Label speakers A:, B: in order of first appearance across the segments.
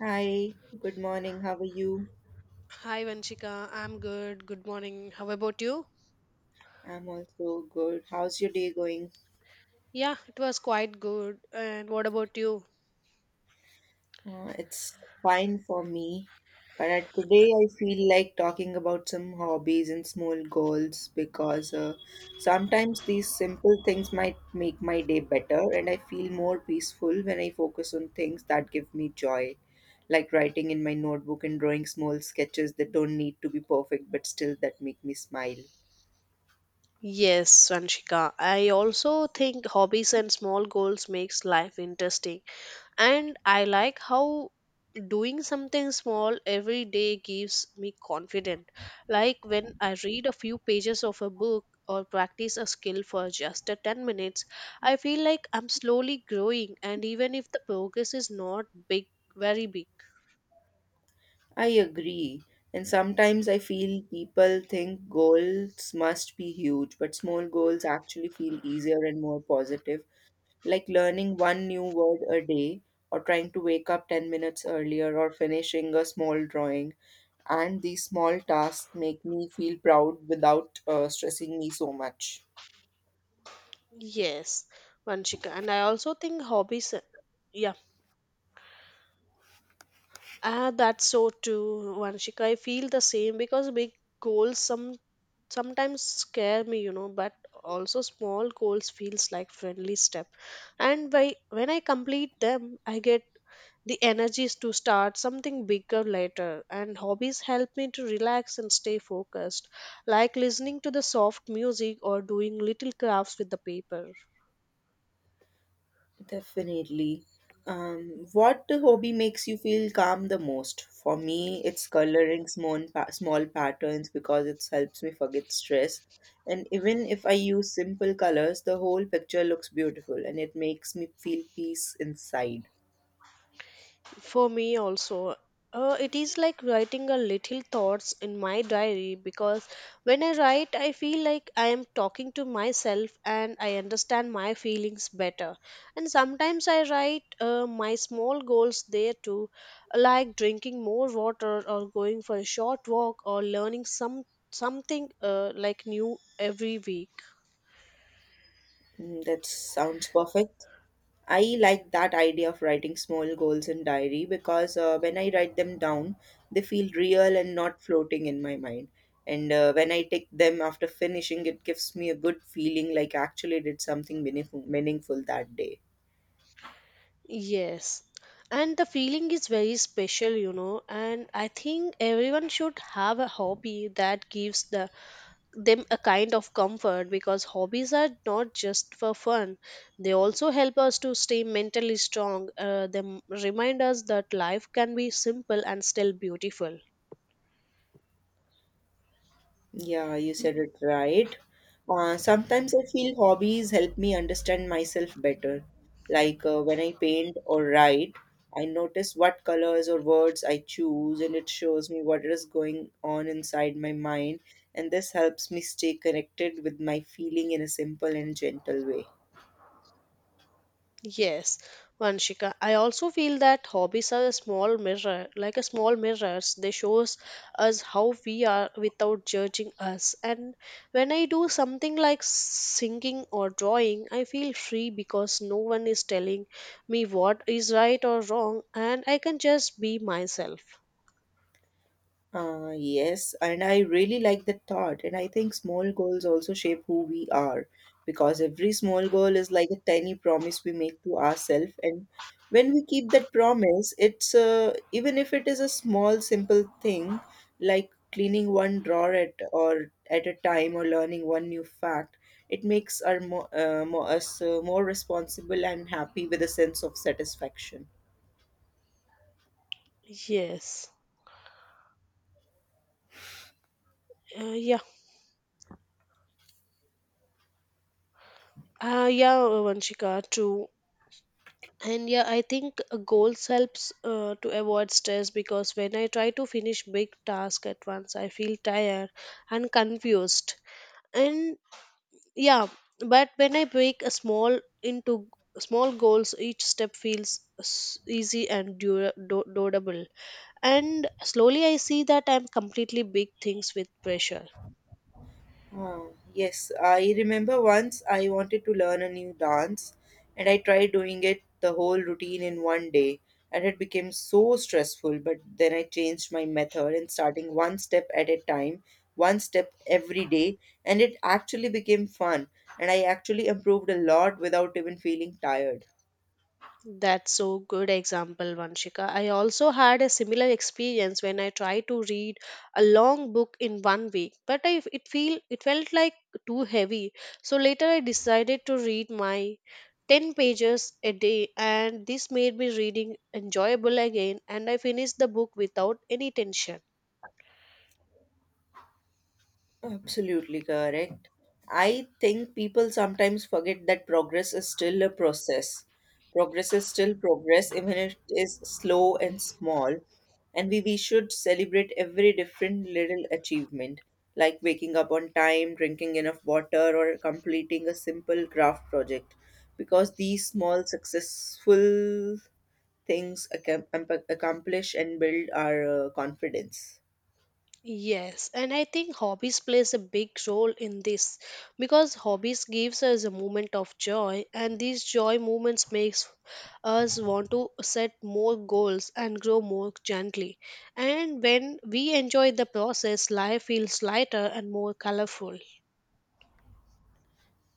A: Hi, good morning. How are you?
B: Hi Vanshika, I'm good. Good morning. How about you?
A: I'm also good. How's your day going?
B: Yeah, it was quite good. And what about you?
A: It's fine for me, but today I feel like talking about some hobbies and small goals because sometimes these simple things might make my day better, and I feel more peaceful when I focus on things that give me joy, like writing in my notebook and drawing small sketches that don't need to be perfect but still that make me smile.
B: Yes, Vanshika. I also think hobbies and small goals makes life interesting. And I like how doing something small every day gives me confidence. Like when I read a few pages of a book or practice a skill for just a 10 minutes, I feel like I'm slowly growing and even if the progress is not big, very big.
A: I agree. And sometimes I feel people think goals must be huge, but small goals actually feel easier and more positive, like learning one new word a day, or trying to wake up 10 minutes earlier, or finishing a small drawing. And these small tasks make me feel proud without stressing me so much.
B: Yes, Vanshika. And I also think hobbies, yeah, that's so too, Vanshika. I feel the same because big goals sometimes scare me, you know, but also small goals feels like friendly step. And by when I complete them, I get the energies to start something bigger later. And hobbies help me to relax and stay focused, like listening to the soft music or doing little crafts with the paper.
A: Definitely. What hobby makes you feel calm the most? For me, it's coloring small patterns because it helps me forget stress. And even if I use simple colors, the whole picture looks beautiful and it makes me feel peace inside.
B: For me also, it is like writing a little thoughts in my diary because when I write, I feel like I am talking to myself and I understand my feelings better. And sometimes I write my small goals there too, like drinking more water or going for a short walk or learning something like new every week.
A: Mm, that sounds perfect. I like that idea of writing small goals in diary because when I write them down, they feel real and not floating in my mind. And when I take them after finishing, it gives me a good feeling like I actually did something meaningful that day.
B: Yes. And the feeling is very special, you know, and I think everyone should have a hobby that gives them a kind of comfort because hobbies are not just for fun. They also help us to stay mentally strong. They remind us that life can be simple and still beautiful.
A: Yeah, you said it right. Sometimes I feel hobbies help me understand myself better. Like when I paint or write, I notice what colors or words I choose, and it shows me what is going on inside my mind. And this helps me stay connected with my feeling in a simple and gentle way.
B: Yes, Vanshika. I also feel that hobbies are a small mirror, like a small mirrors. They shows us how we are without judging us. And when I do something like singing or drawing, I feel free because no one is telling me what is right or wrong, and I can just be myself.
A: Yes, and I really like that thought. And I think small goals also shape who we are because every small goal is like a tiny promise we make to ourselves. And when we keep that promise, it's even if it is a small, simple thing like cleaning one drawer at a time or learning one new fact, it makes us more responsible and happy with a sense of satisfaction.
B: Yes. Uh, yeah. Yeah, Vanshika, true. And yeah, I think goals helps to avoid stress because when I try to finish big task at once I feel tired and confused and yeah but when I break a small into small goals each step feels easy and doable and slowly I see that I'm completely big things with pressure.
A: Oh, yes, I remember once I wanted to learn a new dance and I tried doing it the whole routine in one day and it became so stressful. But then I changed my method and starting one step at a time, one step every day, and it actually became fun and I actually improved a lot without even feeling tired.
B: That's so good example, Vanshika. I also had a similar experience when I tried to read a long book in one week, but I, it feel it felt like too heavy. So later I decided to read my 10 pages a day and this made me reading enjoyable again and I finished the book without any tension.
A: Absolutely correct. I think people sometimes forget that progress is still a process. Progress is still progress, even if it is slow and small. And we should celebrate every different little achievement, like waking up on time, drinking enough water, or completing a simple craft project. Because these small, successful things accomplish and build our confidence.
B: Yes, and I think hobbies plays a big role in this because hobbies gives us a moment of joy and these joy moments makes us want to set more goals and grow more gently. And when we enjoy the process, life feels lighter and more colorful.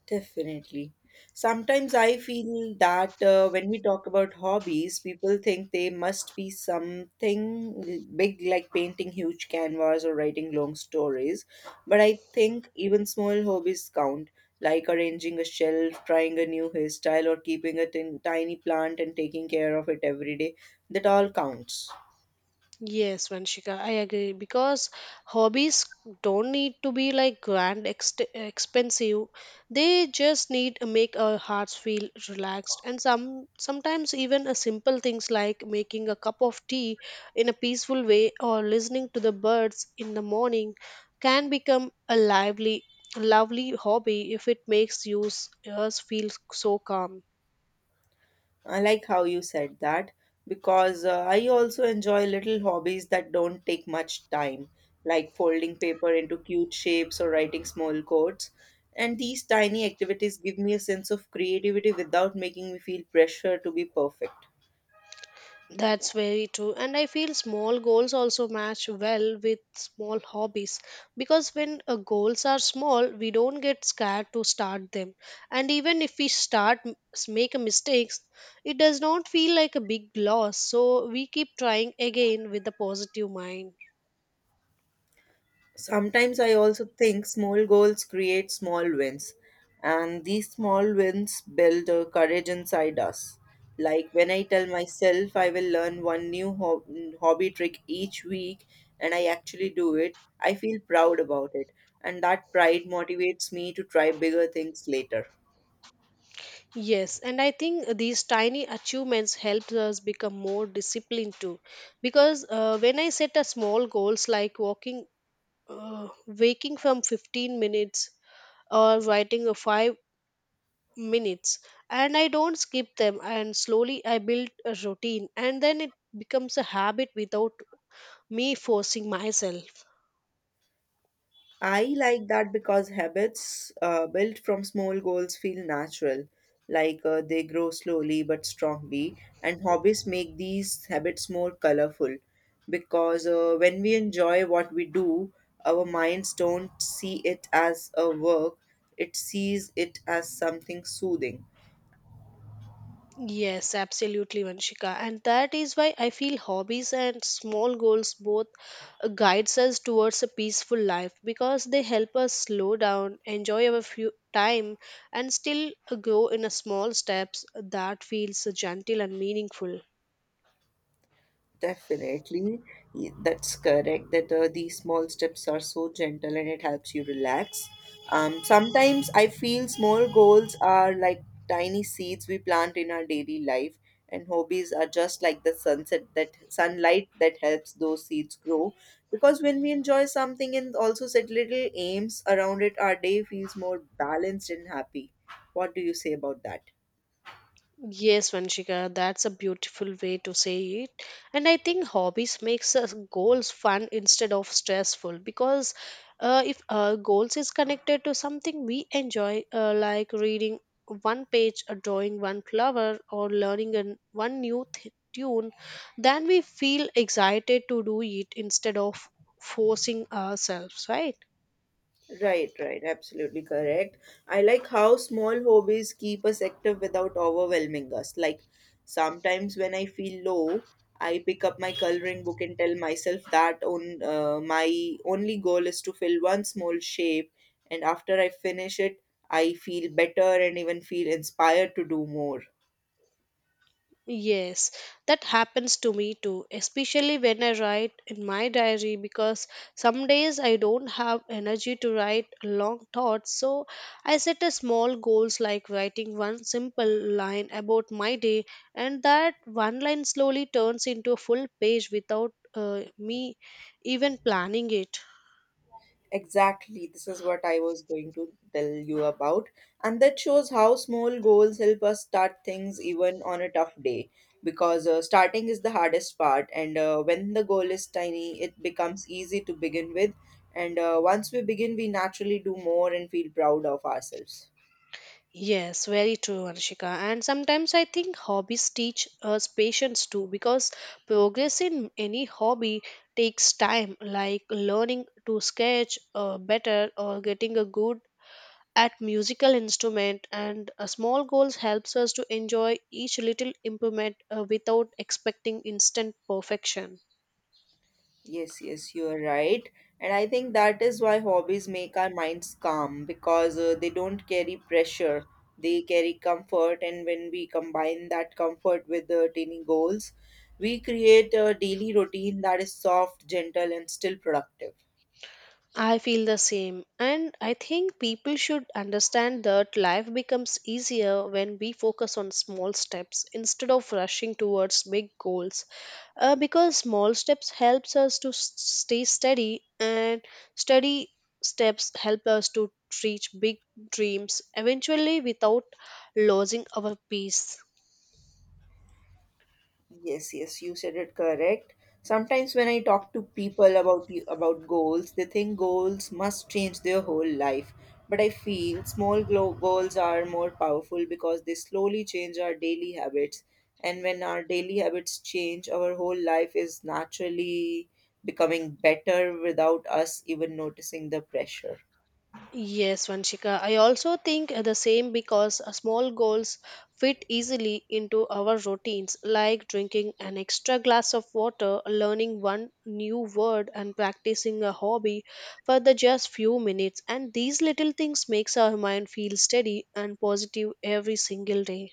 A: Definitely. Sometimes I feel that when we talk about hobbies, people think they must be something big like painting huge canvas or writing long stories. But I think even small hobbies count, like arranging a shelf, trying a new hairstyle, or keeping a tiny plant and taking care of it every day. That all counts.
B: Yes, Vanshika, I agree because hobbies don't need to be like grand ex expensive. They just need to make our hearts feel relaxed and sometimes even a simple things like making a cup of tea in a peaceful way or listening to the birds in the morning can become a lively lovely hobby if it makes yours feel so calm.
A: I like how you said that because I also enjoy little hobbies that don't take much time, like folding paper into cute shapes or writing small codes. And these tiny activities give me a sense of creativity without making me feel pressure to be perfect.
B: That's very true. And I feel small goals also match well with small hobbies because when goals are small, we don't get scared to start them. And even if we start make a mistakes, it does not feel like a big loss. So we keep trying again with a positive mind.
A: Sometimes I also think small goals create small wins, and these small wins build a courage inside us. Like when I tell myself I will learn one new hobby trick each week and I actually do it, I feel proud about it, and that pride motivates me to try bigger things later.
B: Yes, and I think these tiny achievements help us become more disciplined too. Because when I set a small goals like uh, waking from 15 minutes or writing a 5 minutes and I don't skip them and slowly I build a routine and then it becomes a habit without me forcing myself.
A: I like that because habits built from small goals feel natural, like they grow slowly but strongly. And hobbies make these habits more colorful because when we enjoy what we do, our minds don't see it as a work, it sees it as something soothing.
B: Yes, absolutely Vanshika, and that is why I feel hobbies and small goals both guides us towards a peaceful life because they help us slow down enjoy our few time and still grow in a small steps that feels gentle and meaningful.
A: Definitely, that's correct. That these small steps are so gentle and it helps you relax. Sometimes I feel small goals are like tiny seeds we plant in our daily life, and hobbies are just like the sunset that sunlight that helps those seeds grow. Because when we enjoy something and also set little aims around it, our day feels more balanced and happy. What do you say about that?
B: Yes, Vanshika, that's a beautiful way to say it. And I think hobbies makes us goals fun instead of stressful because if goals is connected to something we enjoy, like reading one page, or drawing one flower, or learning one new tune, then we feel excited to do it instead of forcing ourselves, right?
A: Right, right, absolutely correct. I like how small hobbies keep us active without overwhelming us. Like sometimes when I feel low, I pick up my coloring book and tell myself that on my only goal is to fill one small shape, and after I finish it, I feel better and even feel inspired to do more.
B: Yes, that happens to me too, especially when I write in my diary because some days I don't have energy to write long thoughts. So I set a small goals like writing one simple line about my day, and that one line slowly turns into a full page without me even planning it.
A: Exactly, this is what I was going to tell you about. And that shows how small goals help us start things even on a tough day. Because starting is the hardest part, and when the goal is tiny, it becomes easy to begin with. And once we begin, we naturally do more and feel proud of ourselves.
B: Yes, very true, Anshika. And sometimes I think hobbies teach us patience too, because progress in any hobby takes time, like learning to sketch better or getting a good at musical instrument. And a small goals helps us to enjoy each little improvement without expecting instant perfection.
A: Yes, yes, you're right. And I think that is why hobbies make our minds calm because they don't carry pressure. They carry comfort, and when we combine that comfort with tiny goals, we create a daily routine that is soft, gentle, and still productive.
B: I feel the same. And I think people should understand that life becomes easier when we focus on small steps instead of rushing towards big goals. Because small steps helps us to stay steady and steady steps help us to reach big dreams eventually without losing our peace.
A: Yes, yes, you said it correct. Sometimes when I talk to people about about goals, they think goals must change their whole life. But I feel small goals are more powerful because they slowly change our daily habits. And when our daily habits change, our whole life is naturally becoming better without us even noticing the pressure.
B: Yes, Vanshika. I also think the same because small goals fit easily into our routines, like drinking an extra glass of water, learning one new word, and practicing a hobby for the just few minutes. And these little things makes our mind feel steady and positive every single day.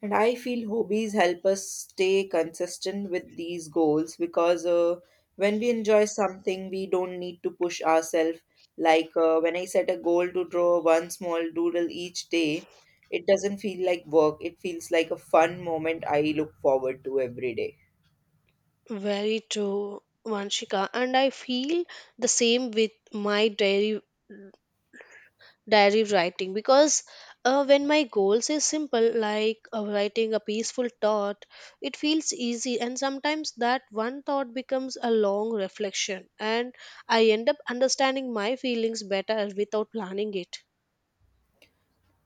A: And I feel hobbies help us stay consistent with these goals because when we enjoy something, we don't need to push ourselves. Like when I set a goal to draw one small doodle each day, it doesn't feel like work, it feels like a fun moment I look forward to every day.
B: Very true, Vanshika. And I feel the same with my daily diary writing because when my goals is simple like writing a peaceful thought, it feels easy and sometimes that one thought becomes a long reflection and I end up understanding my feelings better without planning it.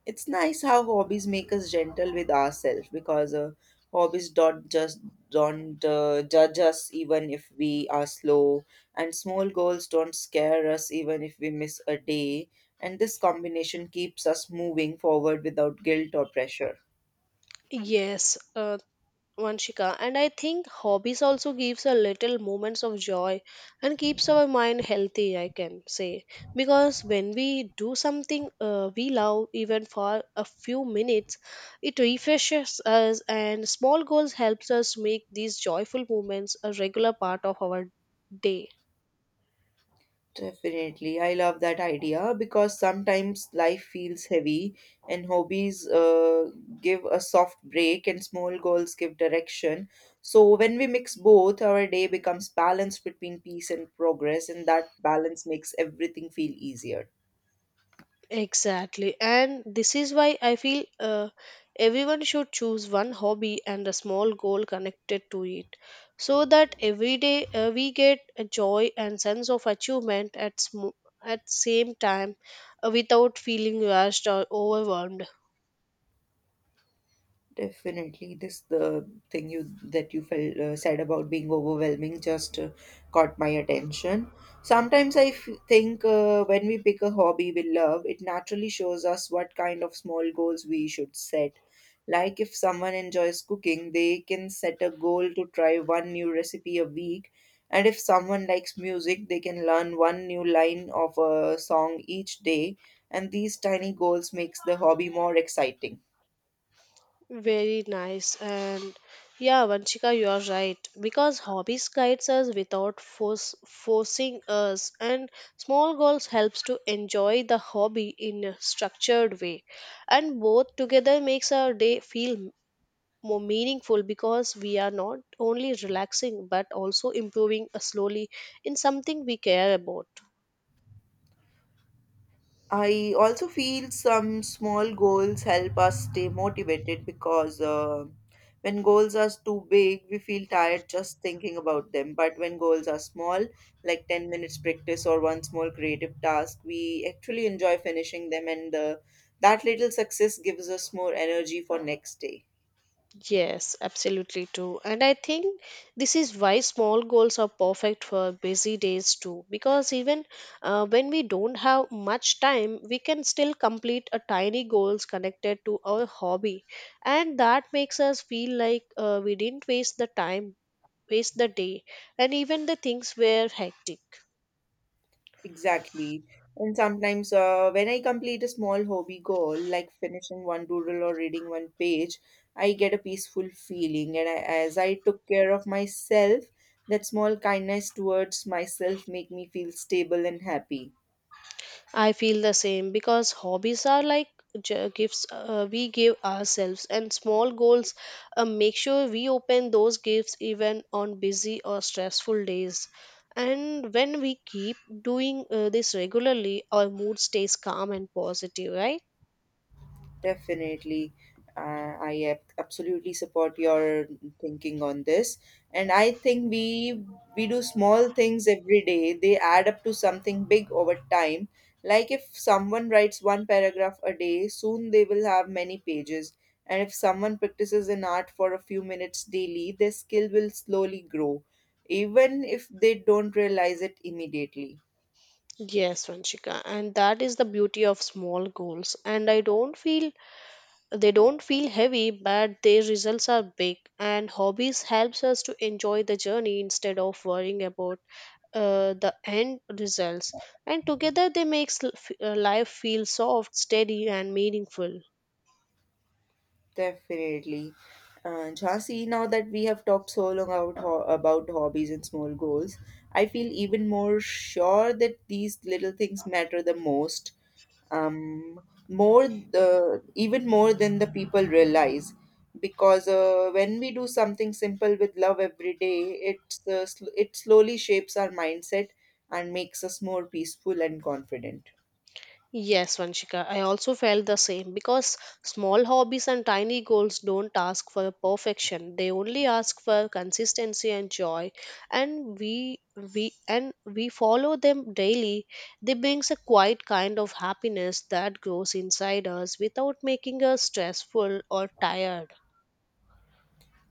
A: It's nice how hobbies make us gentle with ourselves because hobbies don't judge us even if we are slow, and small goals don't scare us even if we miss a day, and this combination keeps us moving forward without guilt or pressure.
B: Yes, Vanshika, and I think hobbies also gives a little moments of joy and keeps our mind healthy. I can say because when we do something we love, even for a few minutes, it refreshes us. And small goals helps us make these joyful moments a regular part of our day.
A: Definitely. I love that idea because sometimes life feels heavy and hobbies give a soft break and small goals give direction. So when we mix both, our day becomes balanced between peace and progress, and that balance makes everything feel easier.
B: Exactly. And this is why I feel everyone should choose one hobby and a small goal connected to it so that every day we get a joy and sense of achievement at same time without feeling rushed or overwhelmed.
A: Definitely, this the thing you that you felt said about being overwhelming just caught my attention. Sometimes I think when we pick a hobby we love, it naturally shows us what kind of small goals we should set. Like if someone enjoys cooking, they can set a goal to try one new recipe a week, and if someone likes music, they can learn one new line of a song each day, and these tiny goals makes the hobby more exciting.
B: Very nice. And yeah, Vanchika, you are right. Because hobbies guides us without forcing us, and small goals helps to enjoy the hobby in a structured way. And both together makes our day feel more meaningful because we are not only relaxing but also improving slowly in something we care about.
A: I also feel some small goals help us stay motivated because when goals are too big, we feel tired just thinking about them. But when goals are small, like 10 minutes practice or one small creative task, we actually enjoy finishing them, and that little success gives us more energy for next day.
B: Yes, absolutely true. And I think this is why small goals are perfect for busy days too. Because even when we don't have much time, we can still complete a tiny goals connected to our hobby. And that makes us feel like we didn't waste the time, waste the day, and even the things were hectic.
A: Exactly. And sometimes, when I complete a small hobby goal, like finishing one doodle or reading one page, I get a peaceful feeling. And I, as I took care of myself, that small kindness towards myself make me feel stable and happy.
B: I feel the same because hobbies are like gifts we give ourselves, and small goals make sure we open those gifts even on busy or stressful days. And when we keep doing this regularly, our mood stays calm and positive, right?
A: Definitely. I absolutely support your thinking on this. And I think we do small things every day. They add up to something big over time. Like if someone writes one paragraph a day, soon they will have many pages. And if someone practices an art for a few minutes daily, their skill will slowly grow, even if they don't realize it immediately.
B: Yes, Vanshika, and that is the beauty of small goals. And I don't feel they don't feel heavy, but their results are big. And hobbies helps us to enjoy the journey instead of worrying about the end results and together they makes life feel soft steady and meaningful.
A: Definitely. And Jhansi, now that we have talked so long about hobbies and small goals, I feel even more sure that these little things matter the most. Um, More the even more than the people realize, because when we do something simple with love every day, it slowly shapes our mindset and makes us more peaceful and confident.
B: Yes Vanshika, I also felt the same because small hobbies and tiny goals don't ask for perfection, they only ask for consistency and joy and we and we follow them daily they brings a quiet kind of happiness that grows inside us without making us stressful or tired.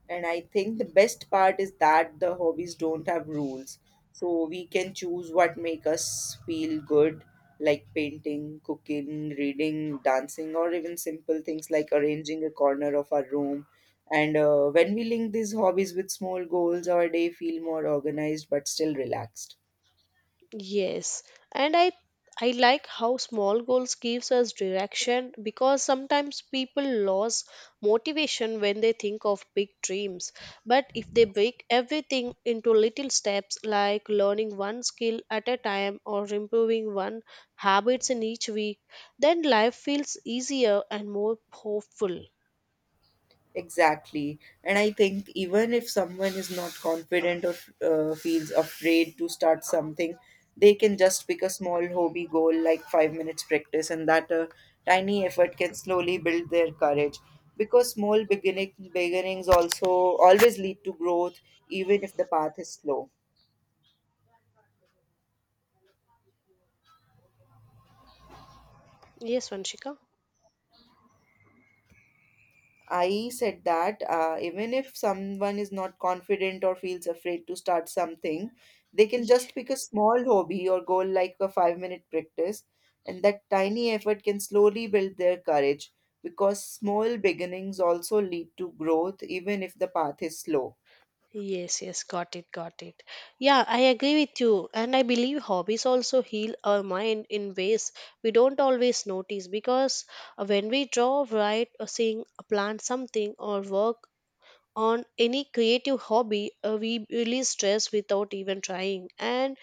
A: And I think the best part is that the hobbies don't have rules. So we can choose what make us feel good, like painting, cooking, reading, dancing, or even simple things like arranging a corner of our room. And when we link these hobbies with small goals, our day feel more organized but still relaxed.
B: Yes, and I like how small goals gives us direction because sometimes people lose motivation when they think of big dreams. But if they break everything into little steps like learning one skill at a time or improving one habits in each week, then life feels easier and more hopeful.
A: Exactly. And I think even if someone is not confident or feels afraid to start something, they can just pick a small hobby goal like 5 minutes practice, and that tiny effort can slowly build their courage. Because beginnings also always lead to growth, even if the path is slow.
B: Yes, Vanshika.
A: I said that even if someone is not confident or feels afraid to start something, they can just pick a small hobby or goal like a 5 minute practice, and that tiny effort can slowly build their courage because small beginnings also lead to growth, even if the path is slow.
B: Yes, yes, got it, got it. Yeah, I agree with you. And I believe hobbies also heal our mind in ways we don't always notice because when we draw, write, or sing, or plant something, or work on any creative hobby, we release stress without even trying. And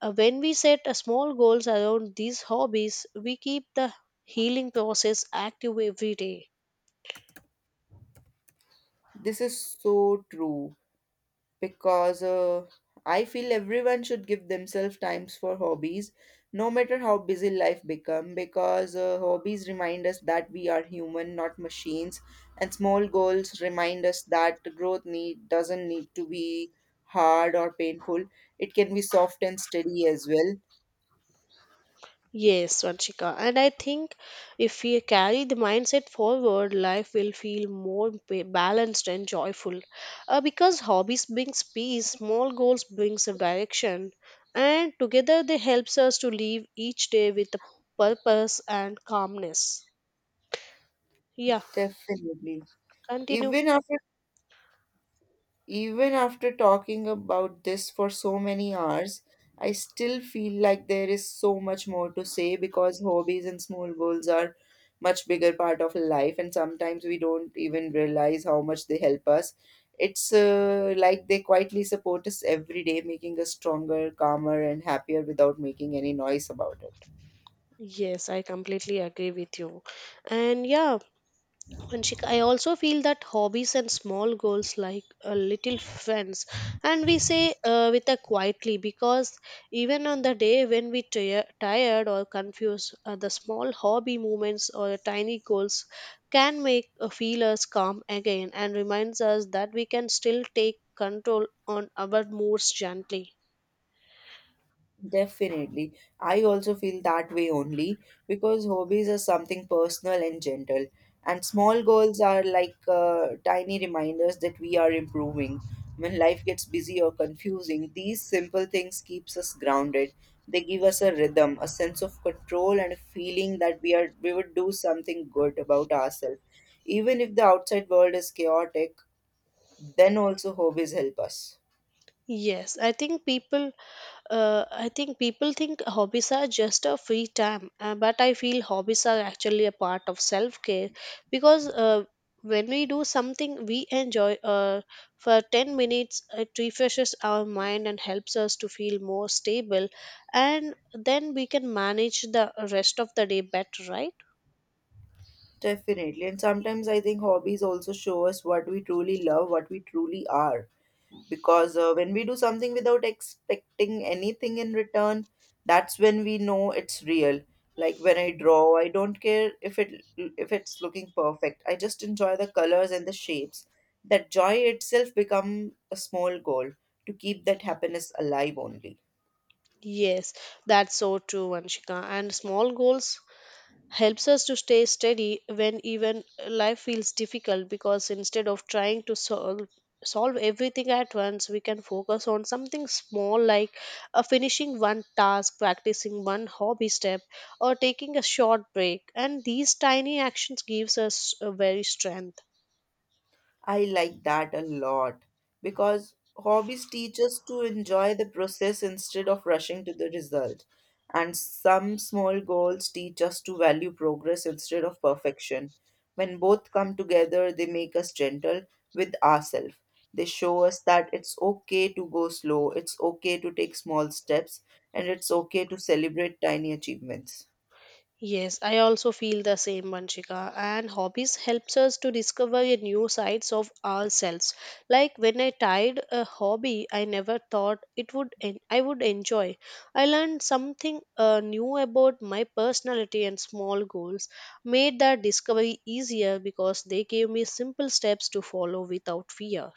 B: when we set a small goals around these hobbies, we keep the healing process active every day.
A: This is so true, because I feel everyone should give themselves times for hobbies, no matter how busy life become. Because hobbies remind us that we are human, not machines, and small goals remind us that growth need doesn't need to be hard or painful. It can be soft and steady as well.
B: Yes, Vanshika. And I think if we carry the mindset forward, life will feel more balanced and joyful. Because hobbies brings peace, small goals brings a direction, and together they helps us to live each day with a purpose and calmness. Yeah,
A: Definitely.
B: continue.
A: Even after Even after talking about this for so many hours, I still feel like there is so much more to say because hobbies and small goals are much bigger part of life, and sometimes we don't even realize how much they help us. It's like they quietly support us every day, making us stronger, calmer, and happier without making any noise about it.
B: Yes, I completely agree with you. And yeah, I also feel that hobbies and small goals like a little friends, and we say with a quietly because even on the day when we tired or confused, the small hobby movements or tiny goals can make feel us calm again and reminds us that we can still take control on our moods gently.
A: Definitely. I also feel that way only because hobbies are something personal and gentle, and small goals are like tiny reminders that we are improving. When life gets busy or confusing, these simple things keeps us grounded. They give us a rhythm, a sense of control, and a feeling that we would do something good about ourselves. Even if the outside world is chaotic, then also hobbies help us.
B: Yes, I think people I think people think hobbies are just a free time, but I feel hobbies are actually a part of self care because when we do something we enjoy for 10 minutes, it refreshes our mind and helps us to feel more stable, and then we can manage the rest of the day better, right?
A: Definitely. And sometimes I think hobbies also show us what we truly love, what we truly are. Because when we do something without expecting anything in return, that's when we know it's real. Like when I draw, I don't care if it's looking perfect. I just enjoy the colors and the shapes. That joy itself become a small goal to keep that happiness alive only.
B: Yes, that's so true, Vanshika. And small goals helps us to stay steady when even life feels difficult because instead of trying to solve everything at once we can focus on something small like finishing one task practicing one hobby step or taking a short break and these tiny actions gives us a very strength.
A: I like that a lot because hobbies teach us to enjoy the process instead of rushing to the result. And some small goals teach us to value progress instead of perfection. When both come together, they make us gentle with ourselves. They show us that it's okay to go slow, it's okay to take small steps, and it's okay to celebrate tiny achievements.
B: Yes, I also feel the same, Vanshika. And hobbies helps us to discover a new sides of ourselves. Like when I tried a hobby, I never thought it would I would enjoy. I learned something new about my personality and small goals. Made that discovery easier because they gave me simple steps to follow without fear.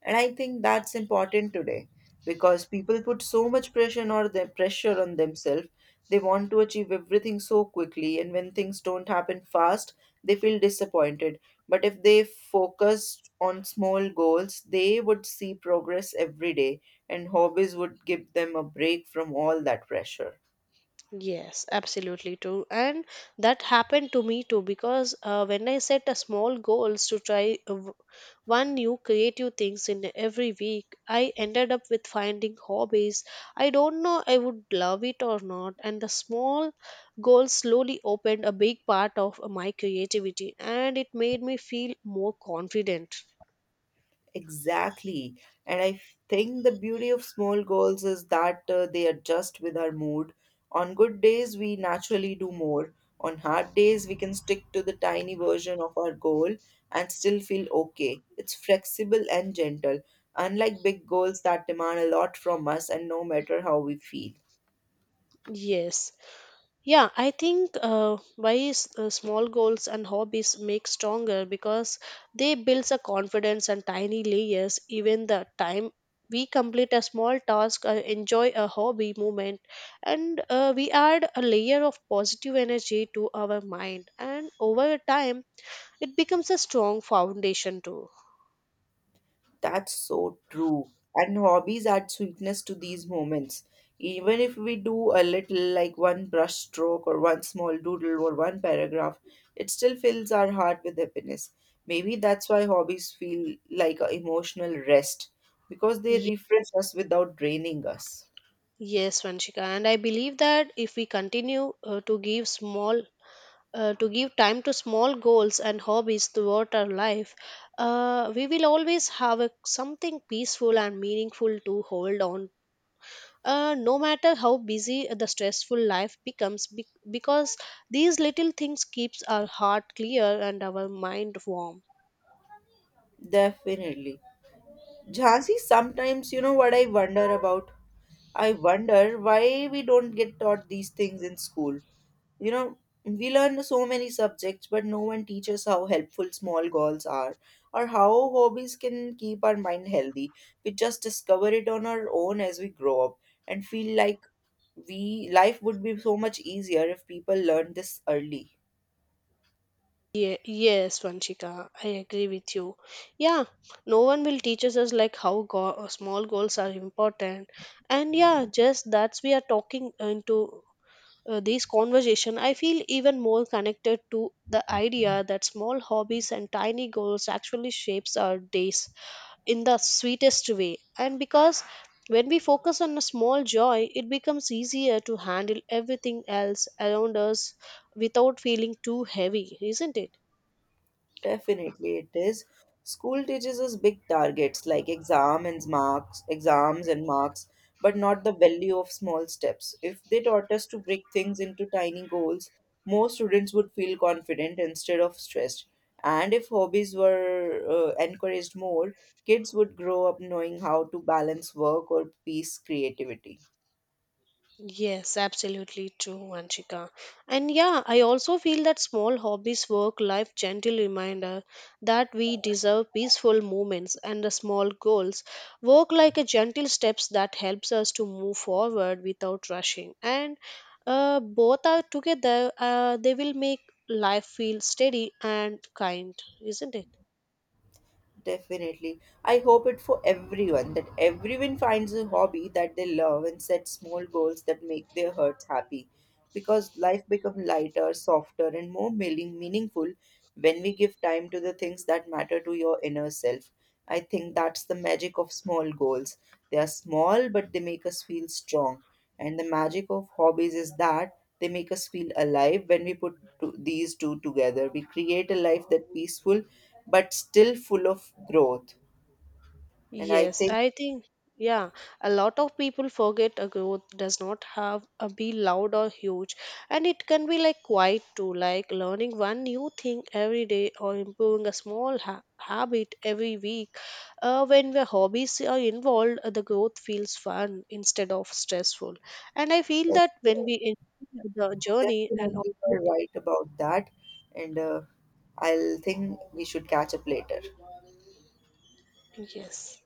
A: And I think that's important today because people put so much pressure on themselves. They want to achieve everything so quickly, and when things don't happen fast, they feel disappointed. But if they focused on small goals, they would see progress every day, and hobbies would give them a break from all that pressure.
B: Yes, absolutely too. And that happened to me too because when I set a small goals to try one new creative things in every week, I ended up with finding hobbies. I don't know I would love it or not, and the small goals slowly opened a big part of my creativity and it made me feel more confident.
A: Exactly. And I think the beauty of small goals is that they adjust with our mood. On good days, we naturally do more. On hard days, we can stick to the tiny version of our goal and still feel okay. It's flexible and gentle, unlike big goals that demand a lot from us and no matter how we feel.
B: Yes, yeah, I think small goals and hobbies make stronger because they builds a confidence and tiny layers. Even the time we complete a small task or enjoy a hobby moment, and we add a layer of positive energy to our mind, and over time it becomes a strong foundation too.
A: That's so true. And hobbies add sweetness to these moments. Even if we do a little, like one brush stroke or one small doodle or one paragraph, it still fills our heart with happiness. Maybe that's why hobbies feel like an emotional rest because they
B: Ye-
A: refresh us without draining us.
B: Yes, Vanshika, and I believe that if we continue to give time to small goals and hobbies throughout our life, we will always have a, something peaceful and meaningful to hold on. No matter how busy the stressful life becomes, because these little things keeps our heart clear and our mind warm.
A: Definitely. Jhansi, sometimes you know what I wonder about? I wonder why we don't get taught these things in school. You know, we learn so many subjects, but no one teaches how helpful small goals are or how hobbies can keep our mind healthy. We just discover it on our own as we grow up and feel like we life would be so much easier if people learned this early.
B: Yes, Vanchika, I agree with you. Yeah, no one will teach us as like how small goals are important, and yeah, just that's we are talking into these conversation I feel even more connected to the idea that small hobbies and tiny goals actually shapes our days in the sweetest way and because when we focus on a small joy it becomes easier to handle everything else around us without feeling too heavy, isn't it?
A: Definitely it is. School teaches us big targets like exams and marks, but not the value of small steps. If they taught us to break things into tiny goals, more students would feel confident instead of stressed. And if hobbies were encouraged more, kids would grow up knowing how to balance work or piece creativity.
B: Yes, absolutely true, Vanchika. And yeah, I also feel that small hobbies work life gentle reminder that we deserve peaceful moments and the small goals work like a gentle steps that helps us to move forward without rushing. And both are together, they will make life feel steady and kind, isn't it?
A: Definitely. I hope it for everyone that everyone finds a hobby that they love and sets small goals that make their hearts happy. Because life becomes lighter, softer, and meaningful when we give time to the things that matter to your inner self. I think that's the magic of small goals. They are small, but they make us feel strong. And the magic of hobbies is that they make us feel alive when we put to these two together. We create a life that peaceful but still full of growth. And I
B: Yes,
A: think
B: I think, yeah, a lot of people forget a growth does not have a be loud or huge, and it can be like quiet too, like learning one new thing every day or improving a small ha habit every week. When the hobbies are involved, the growth feels fun instead of stressful. And I feel
A: that's
B: that when we enjoy the journey and
A: Definitely
B: all,
A: you are right about that. And I'll think we should catch up later.
B: yes.